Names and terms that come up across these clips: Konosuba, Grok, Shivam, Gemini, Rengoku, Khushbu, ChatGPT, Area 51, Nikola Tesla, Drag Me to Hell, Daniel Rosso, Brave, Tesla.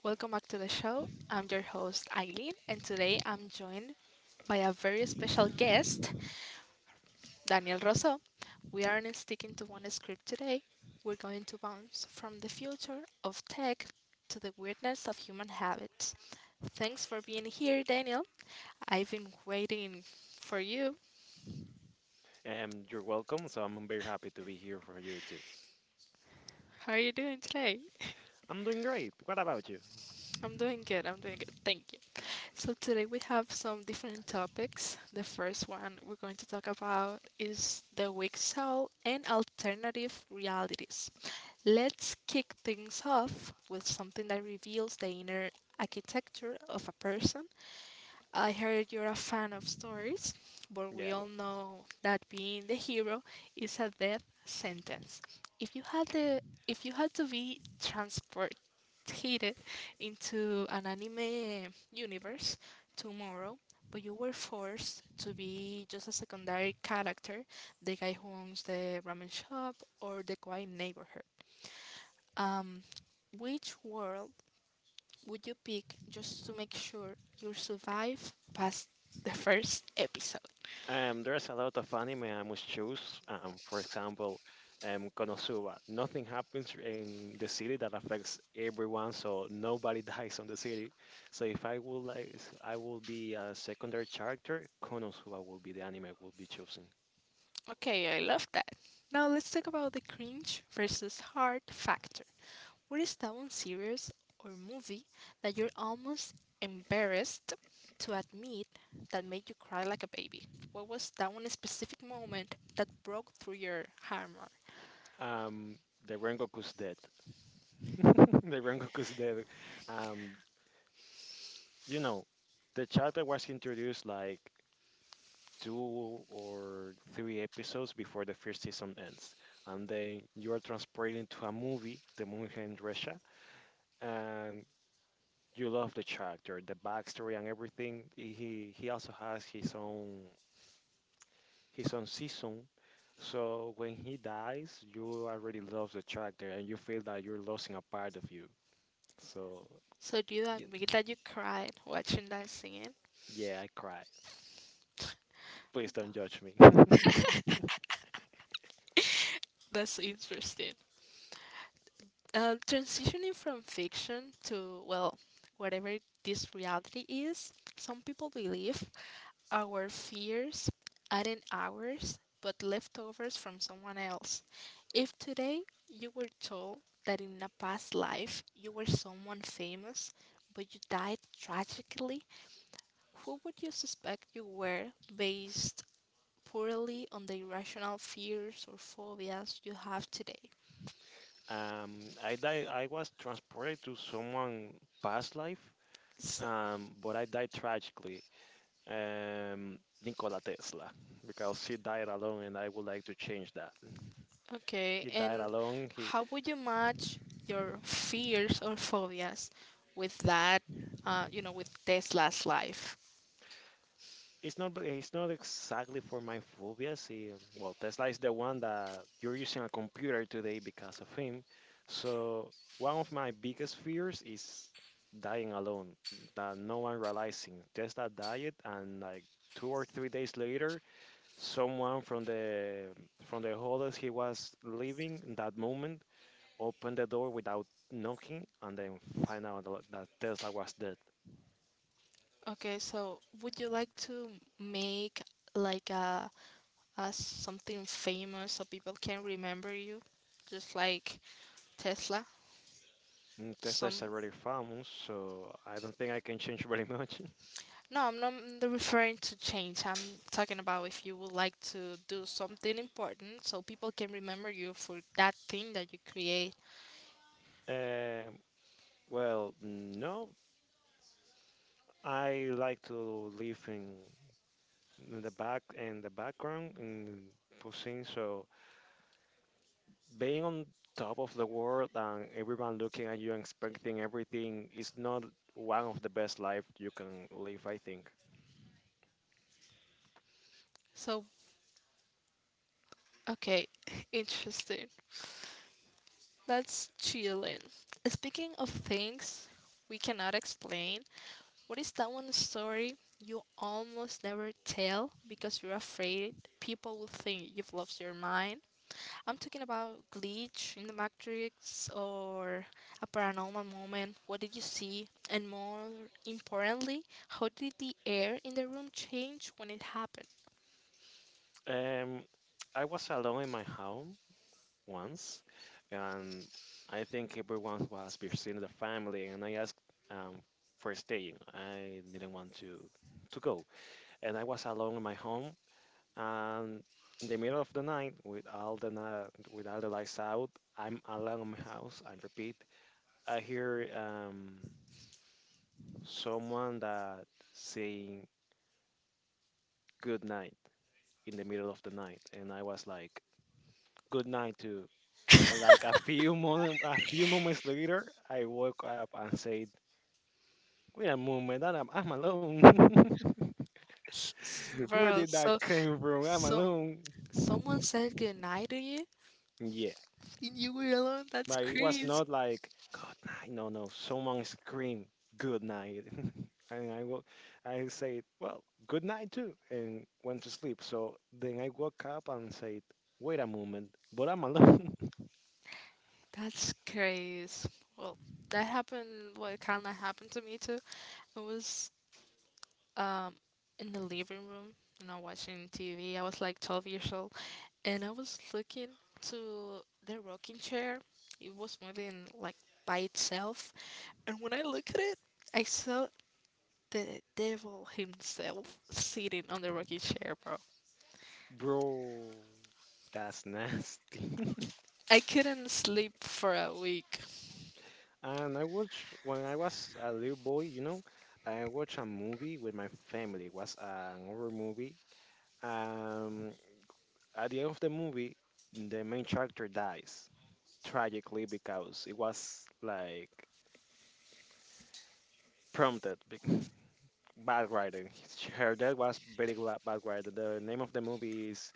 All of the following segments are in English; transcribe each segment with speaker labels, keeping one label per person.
Speaker 1: Welcome back to the show. I'm your host, Eileen, and today I'm joined by a very special guest, Daniel Rosso. We aren't sticking to one script today. We're going to bounce from the future of tech to the weirdness of human habits. Thanks for being here, Daniel. I've been waiting for you.
Speaker 2: You're welcome. So I'm very happy to be here for you too.
Speaker 1: How are you doing today?
Speaker 2: I'm doing great. What about you?
Speaker 1: I'm doing good. I'm doing good. Thank. So today we have some different topics. The first one we're going to talk about is the weak soul and alternative realities. Let's kick things off with something that reveals the inner architecture of a person. I heard you're a fan of stories, but we
Speaker 2: Yeah.
Speaker 1: all know that being the hero is a death sentence. If you had the if you had to be transported into an anime universe tomorrow, but you were forced to be just a secondary character, the guy who owns the ramen shop or the quiet neighborhood. Um, which world would you pick just to make sure you survive past the first episode?
Speaker 2: There's a lot of anime I must choose. For example, Konosuba. Nothing happens in the city that affects everyone, so nobody dies on the city. So if I would like, I will be a secondary character. Konosuba will be the anime I will be choosing.
Speaker 1: Okay, I love that. Now let's talk about the cringe versus hard factor. What is that one series or movie that you're almost embarrassed to admit that made you cry like a baby? What was that one specific moment that broke through your armor?
Speaker 2: Um, the Rengoku's dead. The Rengoku's dead. Um, you know, the chapter was introduced like two or three episodes before the first season ends. And then you are transported to a movie, the movie here in Russia, and you love the character, the backstory and everything. He also has his own season. So when he dies, you already love the character and you feel that you're losing a part of you. So
Speaker 1: So do you
Speaker 2: y-
Speaker 1: admit that you cried watching that scene?
Speaker 2: yeah, I cried. Please don't judge me.
Speaker 1: That's interesting. Transitioning from fiction to, well, whatever this reality is, some people believe our fears aren't ours but leftovers from someone else. If today you were told that in a past life you were someone famous but you died tragically, who would you suspect you were based purely on the irrational fears or phobias you have today?
Speaker 2: I was transported to someone past life. But I died tragically, um, Nikola Tesla, because he died alone, and I would like to change that.
Speaker 1: Okay,
Speaker 2: He died
Speaker 1: and
Speaker 2: alone. He
Speaker 1: how would you match your fears or phobias with that, you know, with Tesla's life?
Speaker 2: It's not exactly for my phobias. He, well, Tesla is the one that you're using a computer today because of him. So one of my biggest fears is dying alone, that no one realizing. Tesla died, and like 2 or 3 days later, someone from the hotels he was leaving in that moment opened the door without knocking and then find out that Tesla was dead.
Speaker 1: Okay, so would you like to make like a something famous so people can remember you, just like Tesla?
Speaker 2: Tesla is
Speaker 1: Some.
Speaker 2: already famous, so I don't think I can change very much.
Speaker 1: No, I'm not referring to change. I'm talking about if you would like to do something important so people can remember you for that thing that you create.
Speaker 2: Um well, no, I like to live in the background in Pusin, so being on top of the world and everyone looking at you and expecting everything is not one of the best life you can live, I think.
Speaker 1: So. Okay, interesting. That's chilling. Speaking of things we cannot explain, what is that one story you almost never tell because you're afraid people will think you've lost your mind? I'm talking about glitch in the matrix or a paranormal moment. What did you see? And more importantly, how did the air in the room change when it happened?
Speaker 2: Um, I was alone in my home once, and I think everyone was visiting the family, and I asked um, for staying. I didn't want to go, and I was alone in my home, and in the middle of the night, with all the lights out, I'm alone in my house. I repeat, I hear someone that saying good night in the middle of the night, and I was like, good night too, but like a few moments later, I woke up and said, wait a moment, I'm alone. Where
Speaker 1: Bro,
Speaker 2: did
Speaker 1: so,
Speaker 2: that came from? I'm
Speaker 1: so
Speaker 2: alone.
Speaker 1: someone said goodnight to you.
Speaker 2: Yeah.
Speaker 1: And you were alone? That's
Speaker 2: But it was
Speaker 1: crazy.
Speaker 2: not like good night. No, no. Someone screamed good night, and I will. I said, well, good night too, and went to sleep. So then I woke up and said, wait a moment, but I'm alone.
Speaker 1: That's crazy. Well, that happened, what, kind of happened to me too. It was, um in the living room, you know, watching TV. I was like 12 years old and I was looking to the rocking chair. It was moving like by itself. And when I look at it, I saw the devil himself sitting on the rocking chair, bro.
Speaker 2: Bro. That's nasty.
Speaker 1: I couldn't sleep for a week.
Speaker 2: And I watched when I was a little boy. I watched a movie with my family. It was an horror movie. Um, at the end of the movie, the main character dies tragically because it was like prompted bad writing. Her death was very bad writing. The name of the movie is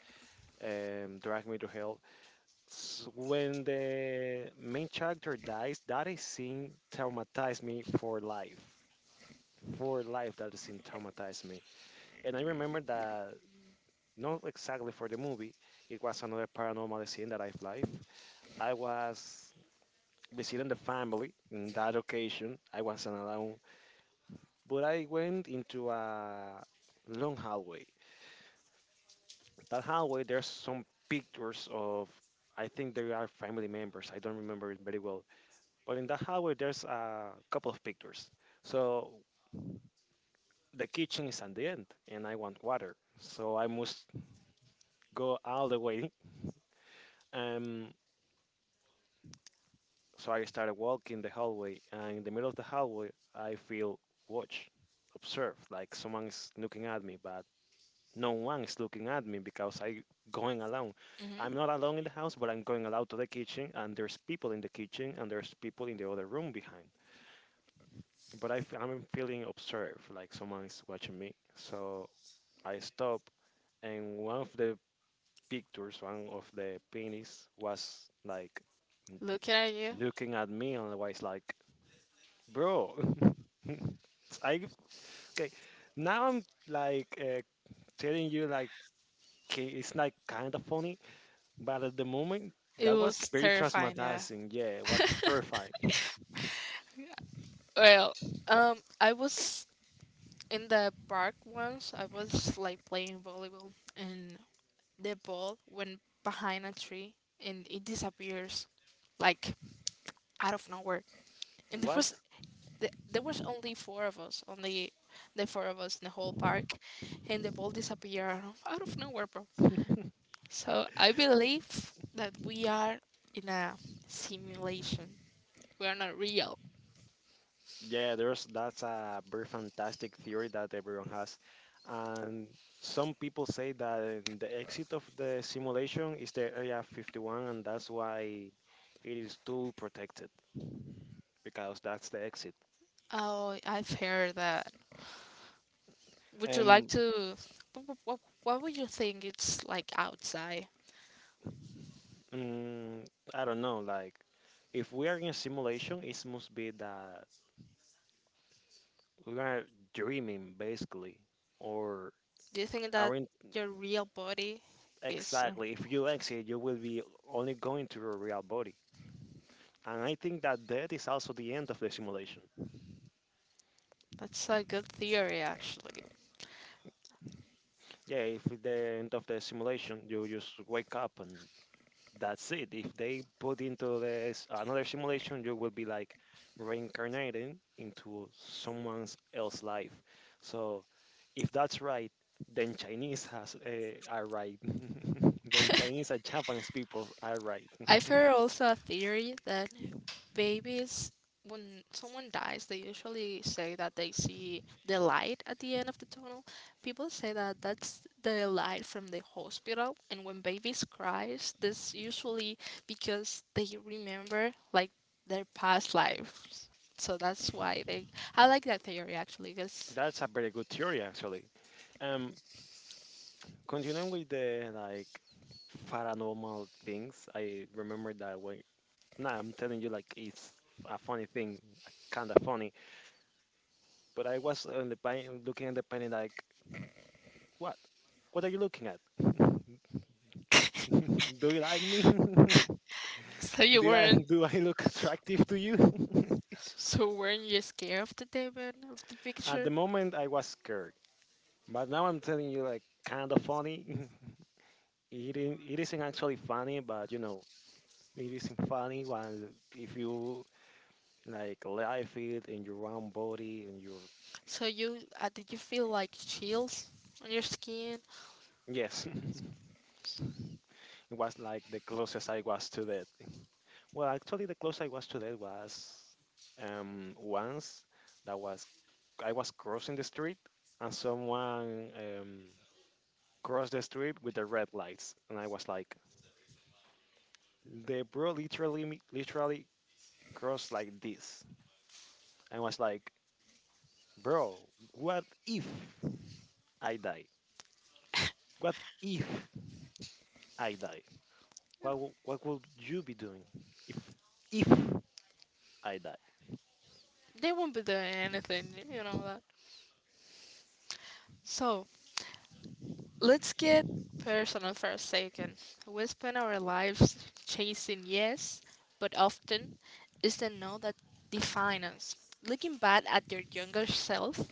Speaker 2: Drag Me to Hell. S When the main character dies, that is scene traumatized me for life. For life, that scene traumatized me. And I remember that not exactly for the movie. It was another paranormal scene that I've life. I was visiting the family in that occasion. I was alone. But I went into a long hallway. That hallway, there's some pictures of, I think they are family members. I don't remember it very well. But in that hallway, there's a couple of pictures. So the kitchen is at the end, and I want water. So I must go all the way. Um, so I started walking the hallway, and in the middle of the hallway, I feel watch, observe, like someone is looking at me, but no one is looking at me because I going alone. I'm not
Speaker 1: Hmm.
Speaker 2: alone in the house, but I'm going alone to the kitchen, and there's people in the kitchen, and there's people in the other room behind. But I am feeling observed, like someone is watching me. So I stop, and one of the pictures, one of the paintings, was like n-
Speaker 1: Looking at you.
Speaker 2: looking at me, and was like, "Bro." I Okay. Now I'm like telling you like it's like kind of funny. But at the moment,
Speaker 1: It
Speaker 2: that was
Speaker 1: was
Speaker 2: very
Speaker 1: terrifying, yeah.
Speaker 2: traumatizing. Yeah, it was terrifying.
Speaker 1: Well, I was in the park once. I was like playing volleyball, and the ball went behind a tree, and it disappears, like, out of nowhere. And there
Speaker 2: What?
Speaker 1: was there was only four of us, only the four of us in the whole park, and the ball disappeared out of nowhere, bro. So I believe that we are in a simulation. We are not real.
Speaker 2: Yeah, there's that's a very fantastic theory that everyone has, and some people say that the exit of the simulation is the Area 51, and that's why it is too protected because that's the exit.
Speaker 1: Oh, I've heard that. Would you like
Speaker 2: Um,
Speaker 1: to? What would you think it's like outside?
Speaker 2: mm, I don't know. Like, if we are in a simulation, it must be that we are dreaming basically, or
Speaker 1: Do you think that
Speaker 2: our
Speaker 1: your real body is?
Speaker 2: Exactly. If you exit, you will be only going to your real body. And I think that that is also the end of the simulation.
Speaker 1: That's a good theory, actually.
Speaker 2: Yeah, if at the end of the simulation, you just wake up and that's it. If they put into this another simulation, you will be like reincarnating into someone else's life. So if that's right, then Chinese has are right. Then Chinese and Japanese people are right.
Speaker 1: I've heard also a theory that babies, when someone dies, they usually say that they see the light at the end of the tunnel. People say that that's the light from the hospital, and when babies cries this usually because they remember like their past lives. So that's why they, I like that theory actually because
Speaker 2: That's a very good theory, actually. Um, Continuing with the like paranormal things, I remember that when now I'm telling you like it's a funny thing, kind of funny. But I was on the pain, looking at the painting like, what? What are you looking at? Do you like me?
Speaker 1: so you
Speaker 2: Did I
Speaker 1: weren't,
Speaker 2: do I look attractive to you?
Speaker 1: so weren't you scared of the demon of the
Speaker 2: At the
Speaker 1: picture?
Speaker 2: moment, I was scared, but now I'm telling you like kind of funny. It isn't actually funny, but you know it isn't funny when if you like live it in your own body and your
Speaker 1: So you, did you feel like chills on your skin?
Speaker 2: yes. It was like the closest I was to that. Well, actually, the closest I was to that was once. That was I was crossing the street, and someone crossed the street with the red lights, and I was like, the bro literally literally crossed like this. I was like, bro, what if I die? What if I die? What would you be doing if if I die?
Speaker 1: They won't be doing anything, you know that. So let's get personal for a second. We spend our lives chasing yes, but often it's the no that defines us. Looking back at your younger self,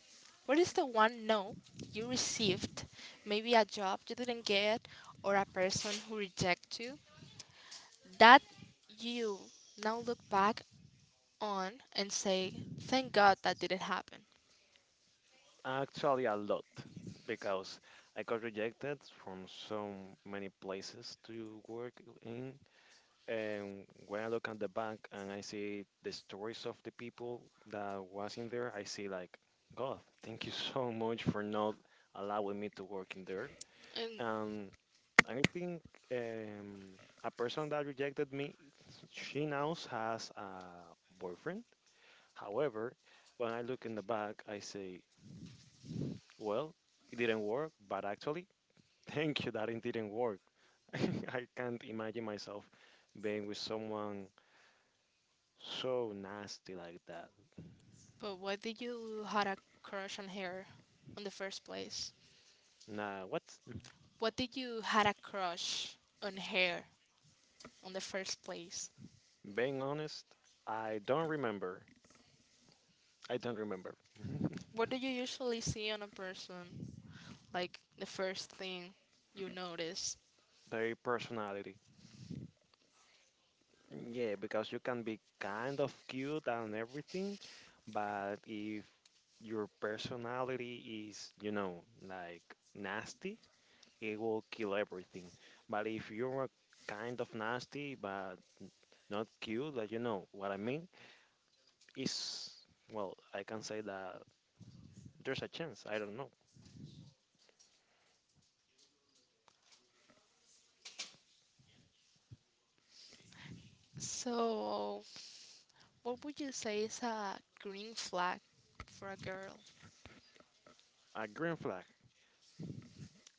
Speaker 1: what is the one no you received? Maybe a job you didn't get or a person who rejected you? That you now look back on and say, thank God that didn't happen.
Speaker 2: Actually, a lot because I got rejected from so many places to work in. And when I look at the bank and I see the stories of the people that was in there, I see like, God, thank you so much for not allowing me to work in there.
Speaker 1: And.
Speaker 2: And I think um, a person that rejected me, she now has a boyfriend. However, when I look in the back, I say, well, it didn't work, but actually, thank you that it didn't work. I can't imagine myself being with someone so nasty like that.
Speaker 1: But why did you had a crush on her on the first place?
Speaker 2: Nah, what?
Speaker 1: What did you had a crush on her on the first place?
Speaker 2: Being honest, I don't remember. I don't remember.
Speaker 1: What do you usually see on a person? Like the first thing you notice.
Speaker 2: Their personality. Yeah, because you can be kind of cute and everything, but if your personality is, like nasty, it will kill everything. But if you're kind of nasty but not cute, like you know what I mean, is well, I can say that there's a chance. I don't know.
Speaker 1: So, what would you say is a green flag for a girl?
Speaker 2: A green flag.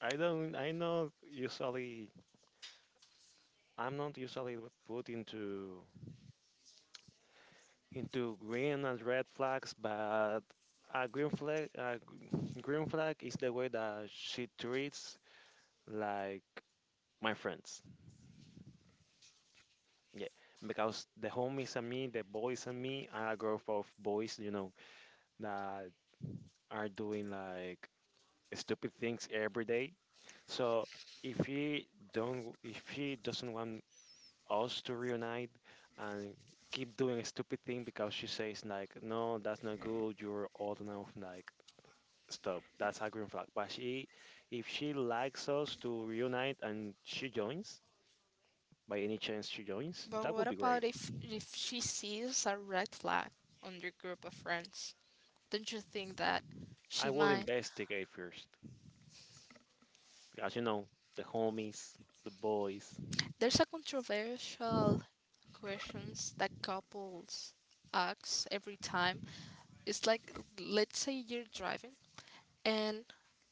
Speaker 2: I don't. I know usually. I'm not usually put into green and red flags, but a green flag, green flag is the way that she treats like my friends. Yeah, because the homies and me, the boys and me, are a group of boys, that are doing like stupid things every day. So if she if she doesn't want us to reunite and keep doing a stupid thing because she says like, no, that's not good. You're old enough. Like, stop. That's a green flag. If she likes us to reunite and she joins, by any chance she joins,
Speaker 1: But
Speaker 2: that
Speaker 1: what
Speaker 2: would be
Speaker 1: about
Speaker 2: great.
Speaker 1: if she sees a red flag on your group of friends? Don't you think that
Speaker 2: I
Speaker 1: she
Speaker 2: will
Speaker 1: might.
Speaker 2: investigate first. Because the homies, the boys,
Speaker 1: There's a controversial questions that couples ask every time. It's like, let's say you're driving and,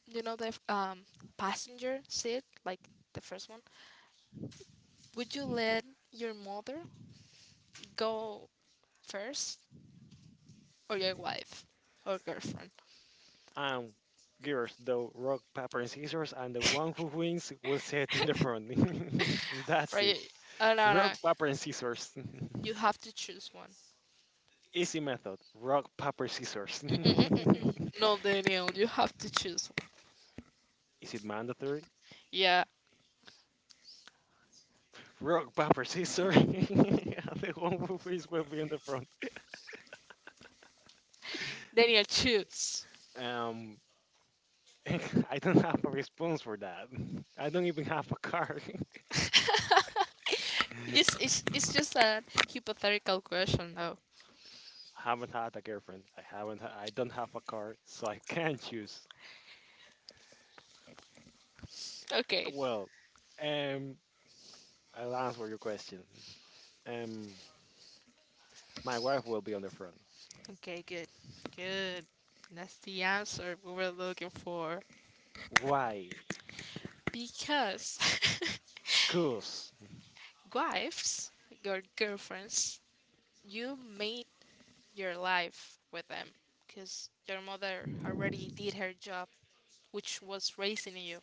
Speaker 1: you know, the passenger seat, like the first one. Would you let your mother go first or your wife or girlfriend?
Speaker 2: and girls, the rock, paper, and scissors, and the one who wins will sit in the front. That's it.
Speaker 1: Right? Oh, no, no.
Speaker 2: Rock, paper, and scissors.
Speaker 1: You have to choose one.
Speaker 2: Easy method. Rock, paper, scissors.
Speaker 1: No, Daniel, you have to choose one.
Speaker 2: Is it mandatory?
Speaker 1: Yeah.
Speaker 2: Rock, paper, scissors. The one who wins will be in the front.
Speaker 1: Daniel, choose.
Speaker 2: Um, I don't have a response for that. I don't even have a card.
Speaker 1: It just it's just a hypothetical question though.
Speaker 2: I haven't had a girlfriend. I don't have a car, so I can't choose.
Speaker 1: Okay.
Speaker 2: Well, um, I'll answer your question. Um, my wife will be on the front.
Speaker 1: Okay, good. Good. That's the answer we were looking for.
Speaker 2: Why?
Speaker 1: Because
Speaker 2: Cause
Speaker 1: wives, your girlfriends, you made your life with them. Because your mother already did her job, which was raising you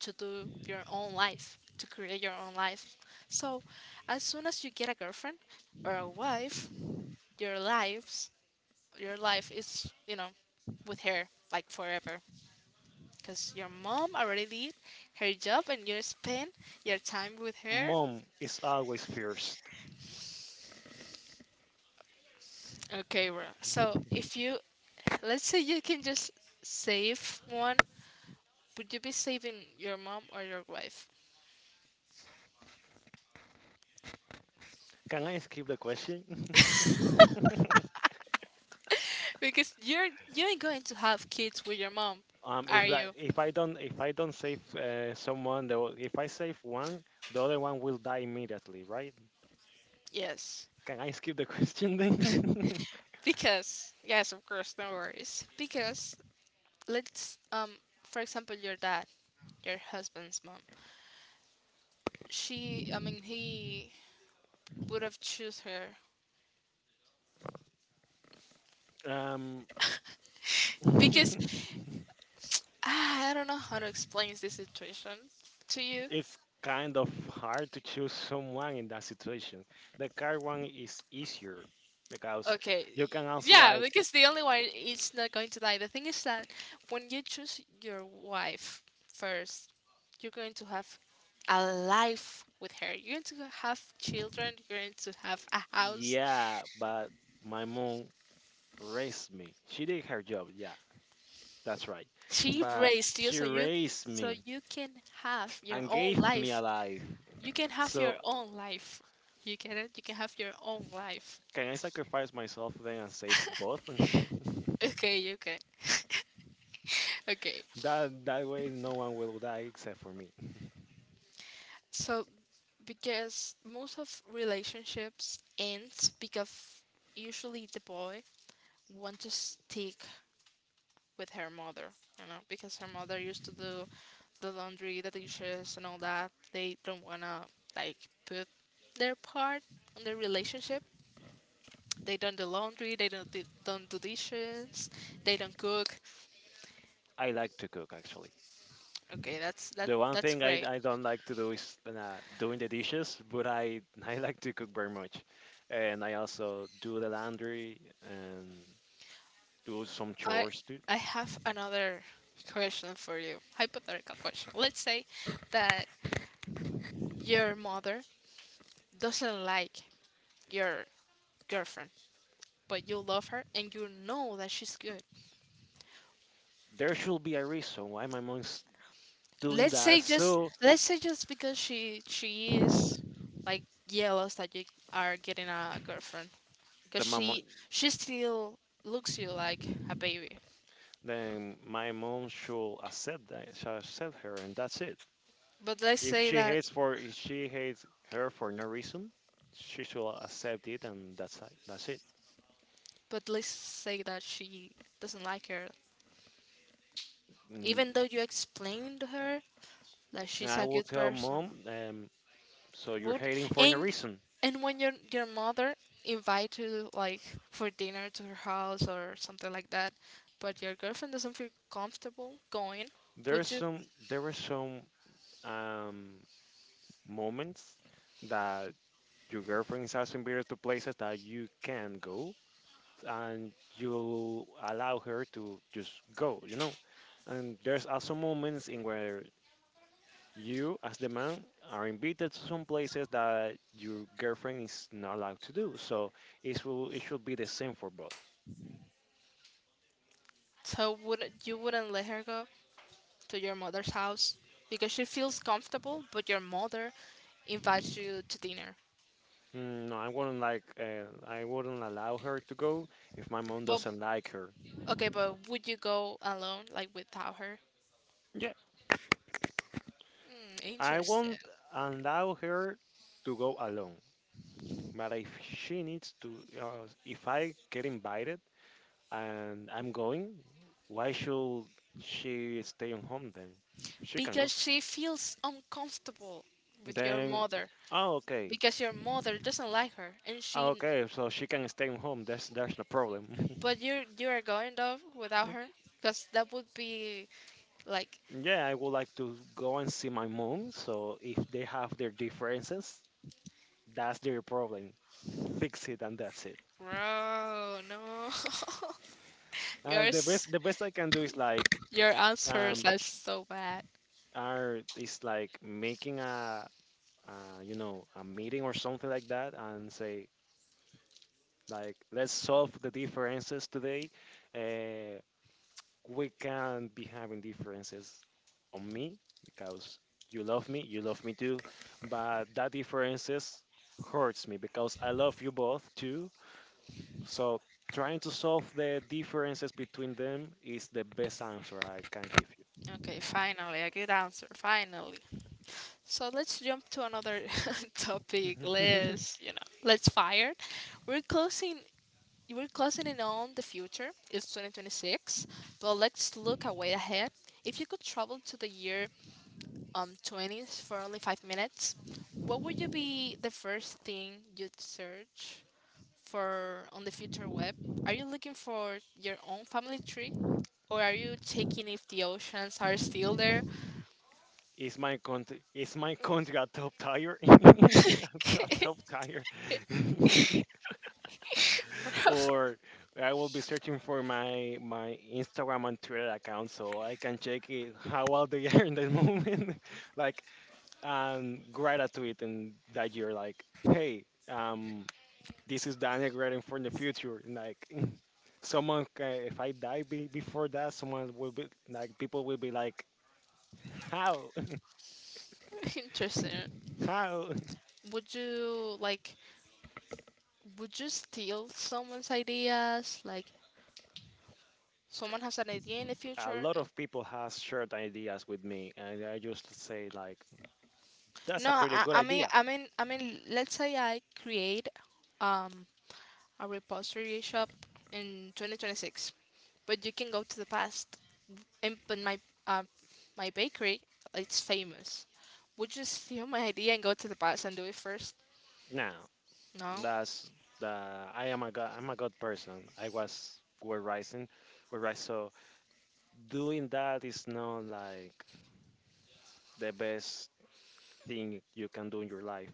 Speaker 1: to do your own life, to create your own life. So, as soon as you get a girlfriend or a wife, your lives, your life is, you know, with her like forever. Because your mom already did her job and you spend your time with her.
Speaker 2: mom is always first.
Speaker 1: Okay, bro. So if you Let's say you can just save one, would you be saving your mom or your wife?
Speaker 2: Can I skip the question?
Speaker 1: Because you're, you ain't going to have kids with your mom, are you?
Speaker 2: If I don't save someone, if I save one, the other one will die immediately, right?
Speaker 1: Yes.
Speaker 2: Can I skip the question then?
Speaker 1: Because yes, of course, no worries. Because, let's for example, your dad, your husband's mom. She, I mean he would have choose her
Speaker 2: um,
Speaker 1: because. Ah, I don't know how to explain this situation to you.
Speaker 2: it's kind of hard to choose someone in that situation. The car one is easier because
Speaker 1: Okay.
Speaker 2: you can also
Speaker 1: Yeah,
Speaker 2: like,
Speaker 1: because the only one is not going to die. The thing is that when you choose your wife first, you're going to have a life with her. You're going to have children. You're going to have a house.
Speaker 2: yeah, but my mom raised me. She did her job, yeah, that's right.
Speaker 1: She
Speaker 2: But
Speaker 1: raised you,
Speaker 2: she
Speaker 1: so you,
Speaker 2: raised
Speaker 1: so
Speaker 2: me
Speaker 1: you can have your
Speaker 2: and
Speaker 1: own
Speaker 2: gave me a
Speaker 1: life.
Speaker 2: life.
Speaker 1: You can have
Speaker 2: So
Speaker 1: your own life. You get it? You can have your own life.
Speaker 2: can I sacrifice myself then and save both?
Speaker 1: Okay, okay, okay.
Speaker 2: That way no one will die except for me.
Speaker 1: So because most of relationships ends because usually the boy want to stick with her mother, you know, because her mother used to do the laundry, the dishes, and all that. They don't wanna, like, put their part on their relationship. They don't do laundry, they don't don't do dishes, they don't cook.
Speaker 2: I like to cook actually.
Speaker 1: Okay, that's
Speaker 2: The one
Speaker 1: that's
Speaker 2: thing I,
Speaker 1: great.
Speaker 2: I don't like to do is doing the dishes, but I I like to cook very much, and I also do the laundry and do some
Speaker 1: i
Speaker 2: chores too.
Speaker 1: i have another question for you, hypothetical question. Let's say that your mother doesn't like your girlfriend, but you love her and you know that she's good.
Speaker 2: There should be a reason why my mom's doing
Speaker 1: Let's
Speaker 2: that,
Speaker 1: say, just
Speaker 2: so
Speaker 1: let's say, just because she is like jealous that you are getting a girlfriend because
Speaker 2: the my mom
Speaker 1: she still looks you like a baby.
Speaker 2: then my mom should accept that, should accept her, and that's it.
Speaker 1: But let's
Speaker 2: If
Speaker 1: say
Speaker 2: she
Speaker 1: that,
Speaker 2: hates for if she hates her for no reason, she should accept it, and that's it. That's it.
Speaker 1: but let's say that she doesn't like her
Speaker 2: Mm,
Speaker 1: even though you explained to her that she's
Speaker 2: I
Speaker 1: a
Speaker 2: will
Speaker 1: good
Speaker 2: tell
Speaker 1: person.
Speaker 2: mom. So you're
Speaker 1: Would,
Speaker 2: hating for no
Speaker 1: and
Speaker 2: reason.
Speaker 1: and when your mother invites you like for dinner to her house or something like that, but your girlfriend doesn't feel comfortable going,
Speaker 2: There are
Speaker 1: would you?
Speaker 2: some there were some um, moments that your girlfriend is asking Peter to places that you can go, and you allow her to just go. And there's also moments in where you as the man are invited to some places that your girlfriend is not allowed to do. So it should be the same for both.
Speaker 1: So would you wouldn't let her go to your mother's house because she feels comfortable, but your mother invites you to dinner.
Speaker 2: No, I wouldn't like. I wouldn't allow her to go if my mom
Speaker 1: But,
Speaker 2: doesn't like her.
Speaker 1: okay, but would you go alone, like without her?
Speaker 2: Yeah,
Speaker 1: Hmm,
Speaker 2: I
Speaker 1: interesting.
Speaker 2: won't allow her to go alone. But if she needs to, if I get invited and I'm going, why should she stay on home then? She can go.
Speaker 1: Because she feels uncomfortable with your
Speaker 2: Then,
Speaker 1: mother.
Speaker 2: oh, okay.
Speaker 1: Because your mother doesn't like her and
Speaker 2: Ah,
Speaker 1: she,
Speaker 2: okay. So she can stay on home. There's no problem.
Speaker 1: but you're, you are going though without her because that would be like.
Speaker 2: Yeah, I would like to go and see my mom. So if they have their differences, that's their problem. Fix it and that's it.
Speaker 1: Bro, no,
Speaker 2: The
Speaker 1: yours,
Speaker 2: best the best I can do is like
Speaker 1: your answers
Speaker 2: um
Speaker 1: are so bad.
Speaker 2: are is like making a you know a meeting or something like that and say like, let's solve the differences today. Uh, we can not be having differences on me because you love me too, but that differences hurts me because I love you both too. So trying to solve the differences between them is the best answer I can give you.
Speaker 1: Okay, finally a good answer, finally. So let's jump to another topic. Let's, you know, let's fire. We're closing, we're closing in on the future. It's 2026, but let's look a way ahead. If you could travel to the year, 20s for only 5 minutes, what would you be the first thing you'd search for on the future web? Are you looking for your own family tree? Or are you checking if the oceans are still there?
Speaker 2: Is my country a top tire? A
Speaker 1: Okay.
Speaker 2: top tire.
Speaker 1: Bro.
Speaker 2: Or I will be searching for my Instagram and Twitter account so I can check it how well they are in the moment. Like, and write a tweet in that year like, hey, um, this is Daniel writing for the future. And, like, someone, if I die before that, someone will be like, people will be like, how?
Speaker 1: Interesting.
Speaker 2: How?
Speaker 1: Would you like would you steal someone's ideas? Like someone has an idea in the
Speaker 2: A
Speaker 1: future?
Speaker 2: lot of people has shared ideas with me, and I just say like, that's
Speaker 1: No,
Speaker 2: a pretty good
Speaker 1: I mean,
Speaker 2: idea.
Speaker 1: I mean, let's say I create um a repository shop in 2026, but you can go to the past. And but my, uh, my bakery, it's famous. Would you steal my idea and go to the past and do it first?
Speaker 2: No,
Speaker 1: No.
Speaker 2: That's the I am a god. I'm a god person. I was were rising, were rise. So doing that is not like the best thing you can do in your life.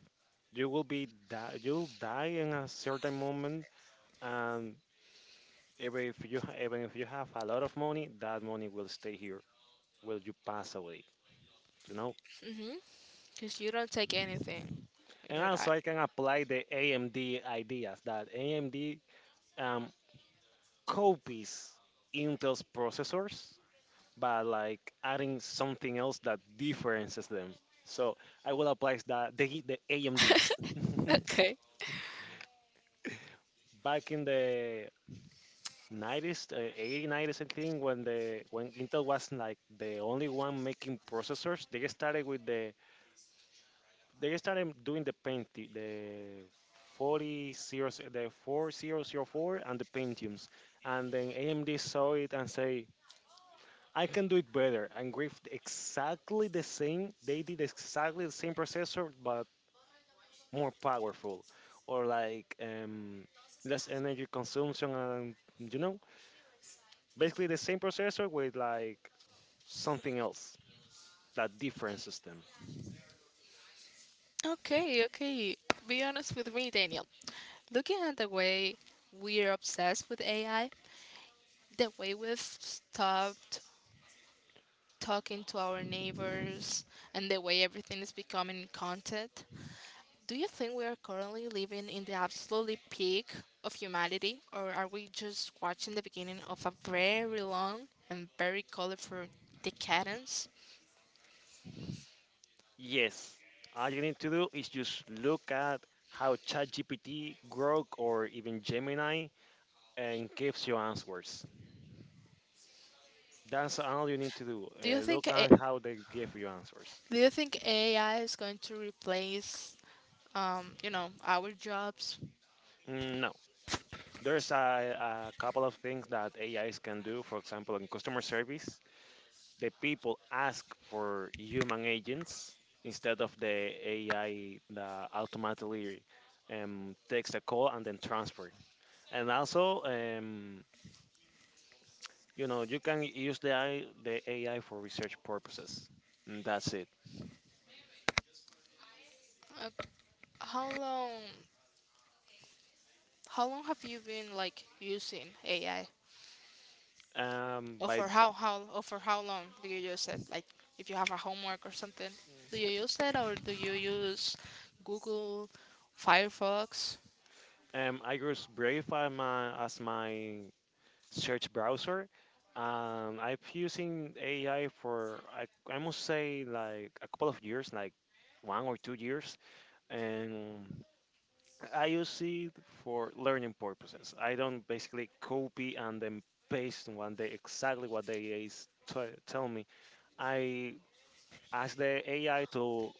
Speaker 2: You will be die. You'll die in a certain moment, and even if you have a lot of money, that money will stay here. Will you pass away? You know.
Speaker 1: Mhm. Cause you don't take anything when
Speaker 2: And
Speaker 1: you die.
Speaker 2: also, I can apply the AMD ideas that AMD um. copies Intel's processors but like adding something else that differences them. So I will apply that the AMDs.
Speaker 1: Okay.
Speaker 2: Back in the 90s, 80, 90s, I think, when Intel was like the only one making processors, they started doing the 40 zero, the 4004 and the Pentiums, and then AMD saw it and say I can do it better. And with exactly the same, they did exactly the same processor, but more powerful, or like less energy consumption, and basically the same processor with like something else, that different system.
Speaker 1: Okay. Okay. Be honest with me, Daniel. Looking at the way we're obsessed with AI, the way we've stopped talking to our neighbors, and the way everything is becoming content, do you think we are currently living in the absolutely peak of humanity, or are we just watching the beginning of a very long and very colorful decadence?
Speaker 2: Yes, all you need to do is just look at how ChatGPT, Grok, or even Gemini and gives you answers. That's all you need to do.
Speaker 1: Do you think
Speaker 2: Look
Speaker 1: a-
Speaker 2: at how they give you answers.
Speaker 1: Do you think AI is going to replace, you know, our jobs?
Speaker 2: No, there's a couple of things that AIs can do. For example, in customer service, the people ask for human agents instead of the AI that automatically takes a call and then transfer. And also, you can use the AI for research purposes. And that's it.
Speaker 1: Uh, how long How long have you been like using AI? Or
Speaker 2: By
Speaker 1: for how long do you use it? Like if you have a homework or something, do you use it or do you use Google, Firefox?
Speaker 2: I use Brave as my search browser. I've using AI for I must say like a couple of years, like 1 or 2 years, and I use it for learning purposes. I don't basically copy and then paste one day exactly what the AI is tell me. I ask the AI to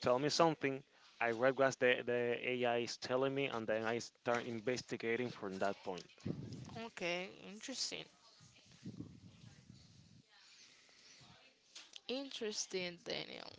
Speaker 2: tell me something. I read what the AI is telling me, and then I start investigating from that point.
Speaker 1: Okay, interesting, interesting, Daniel.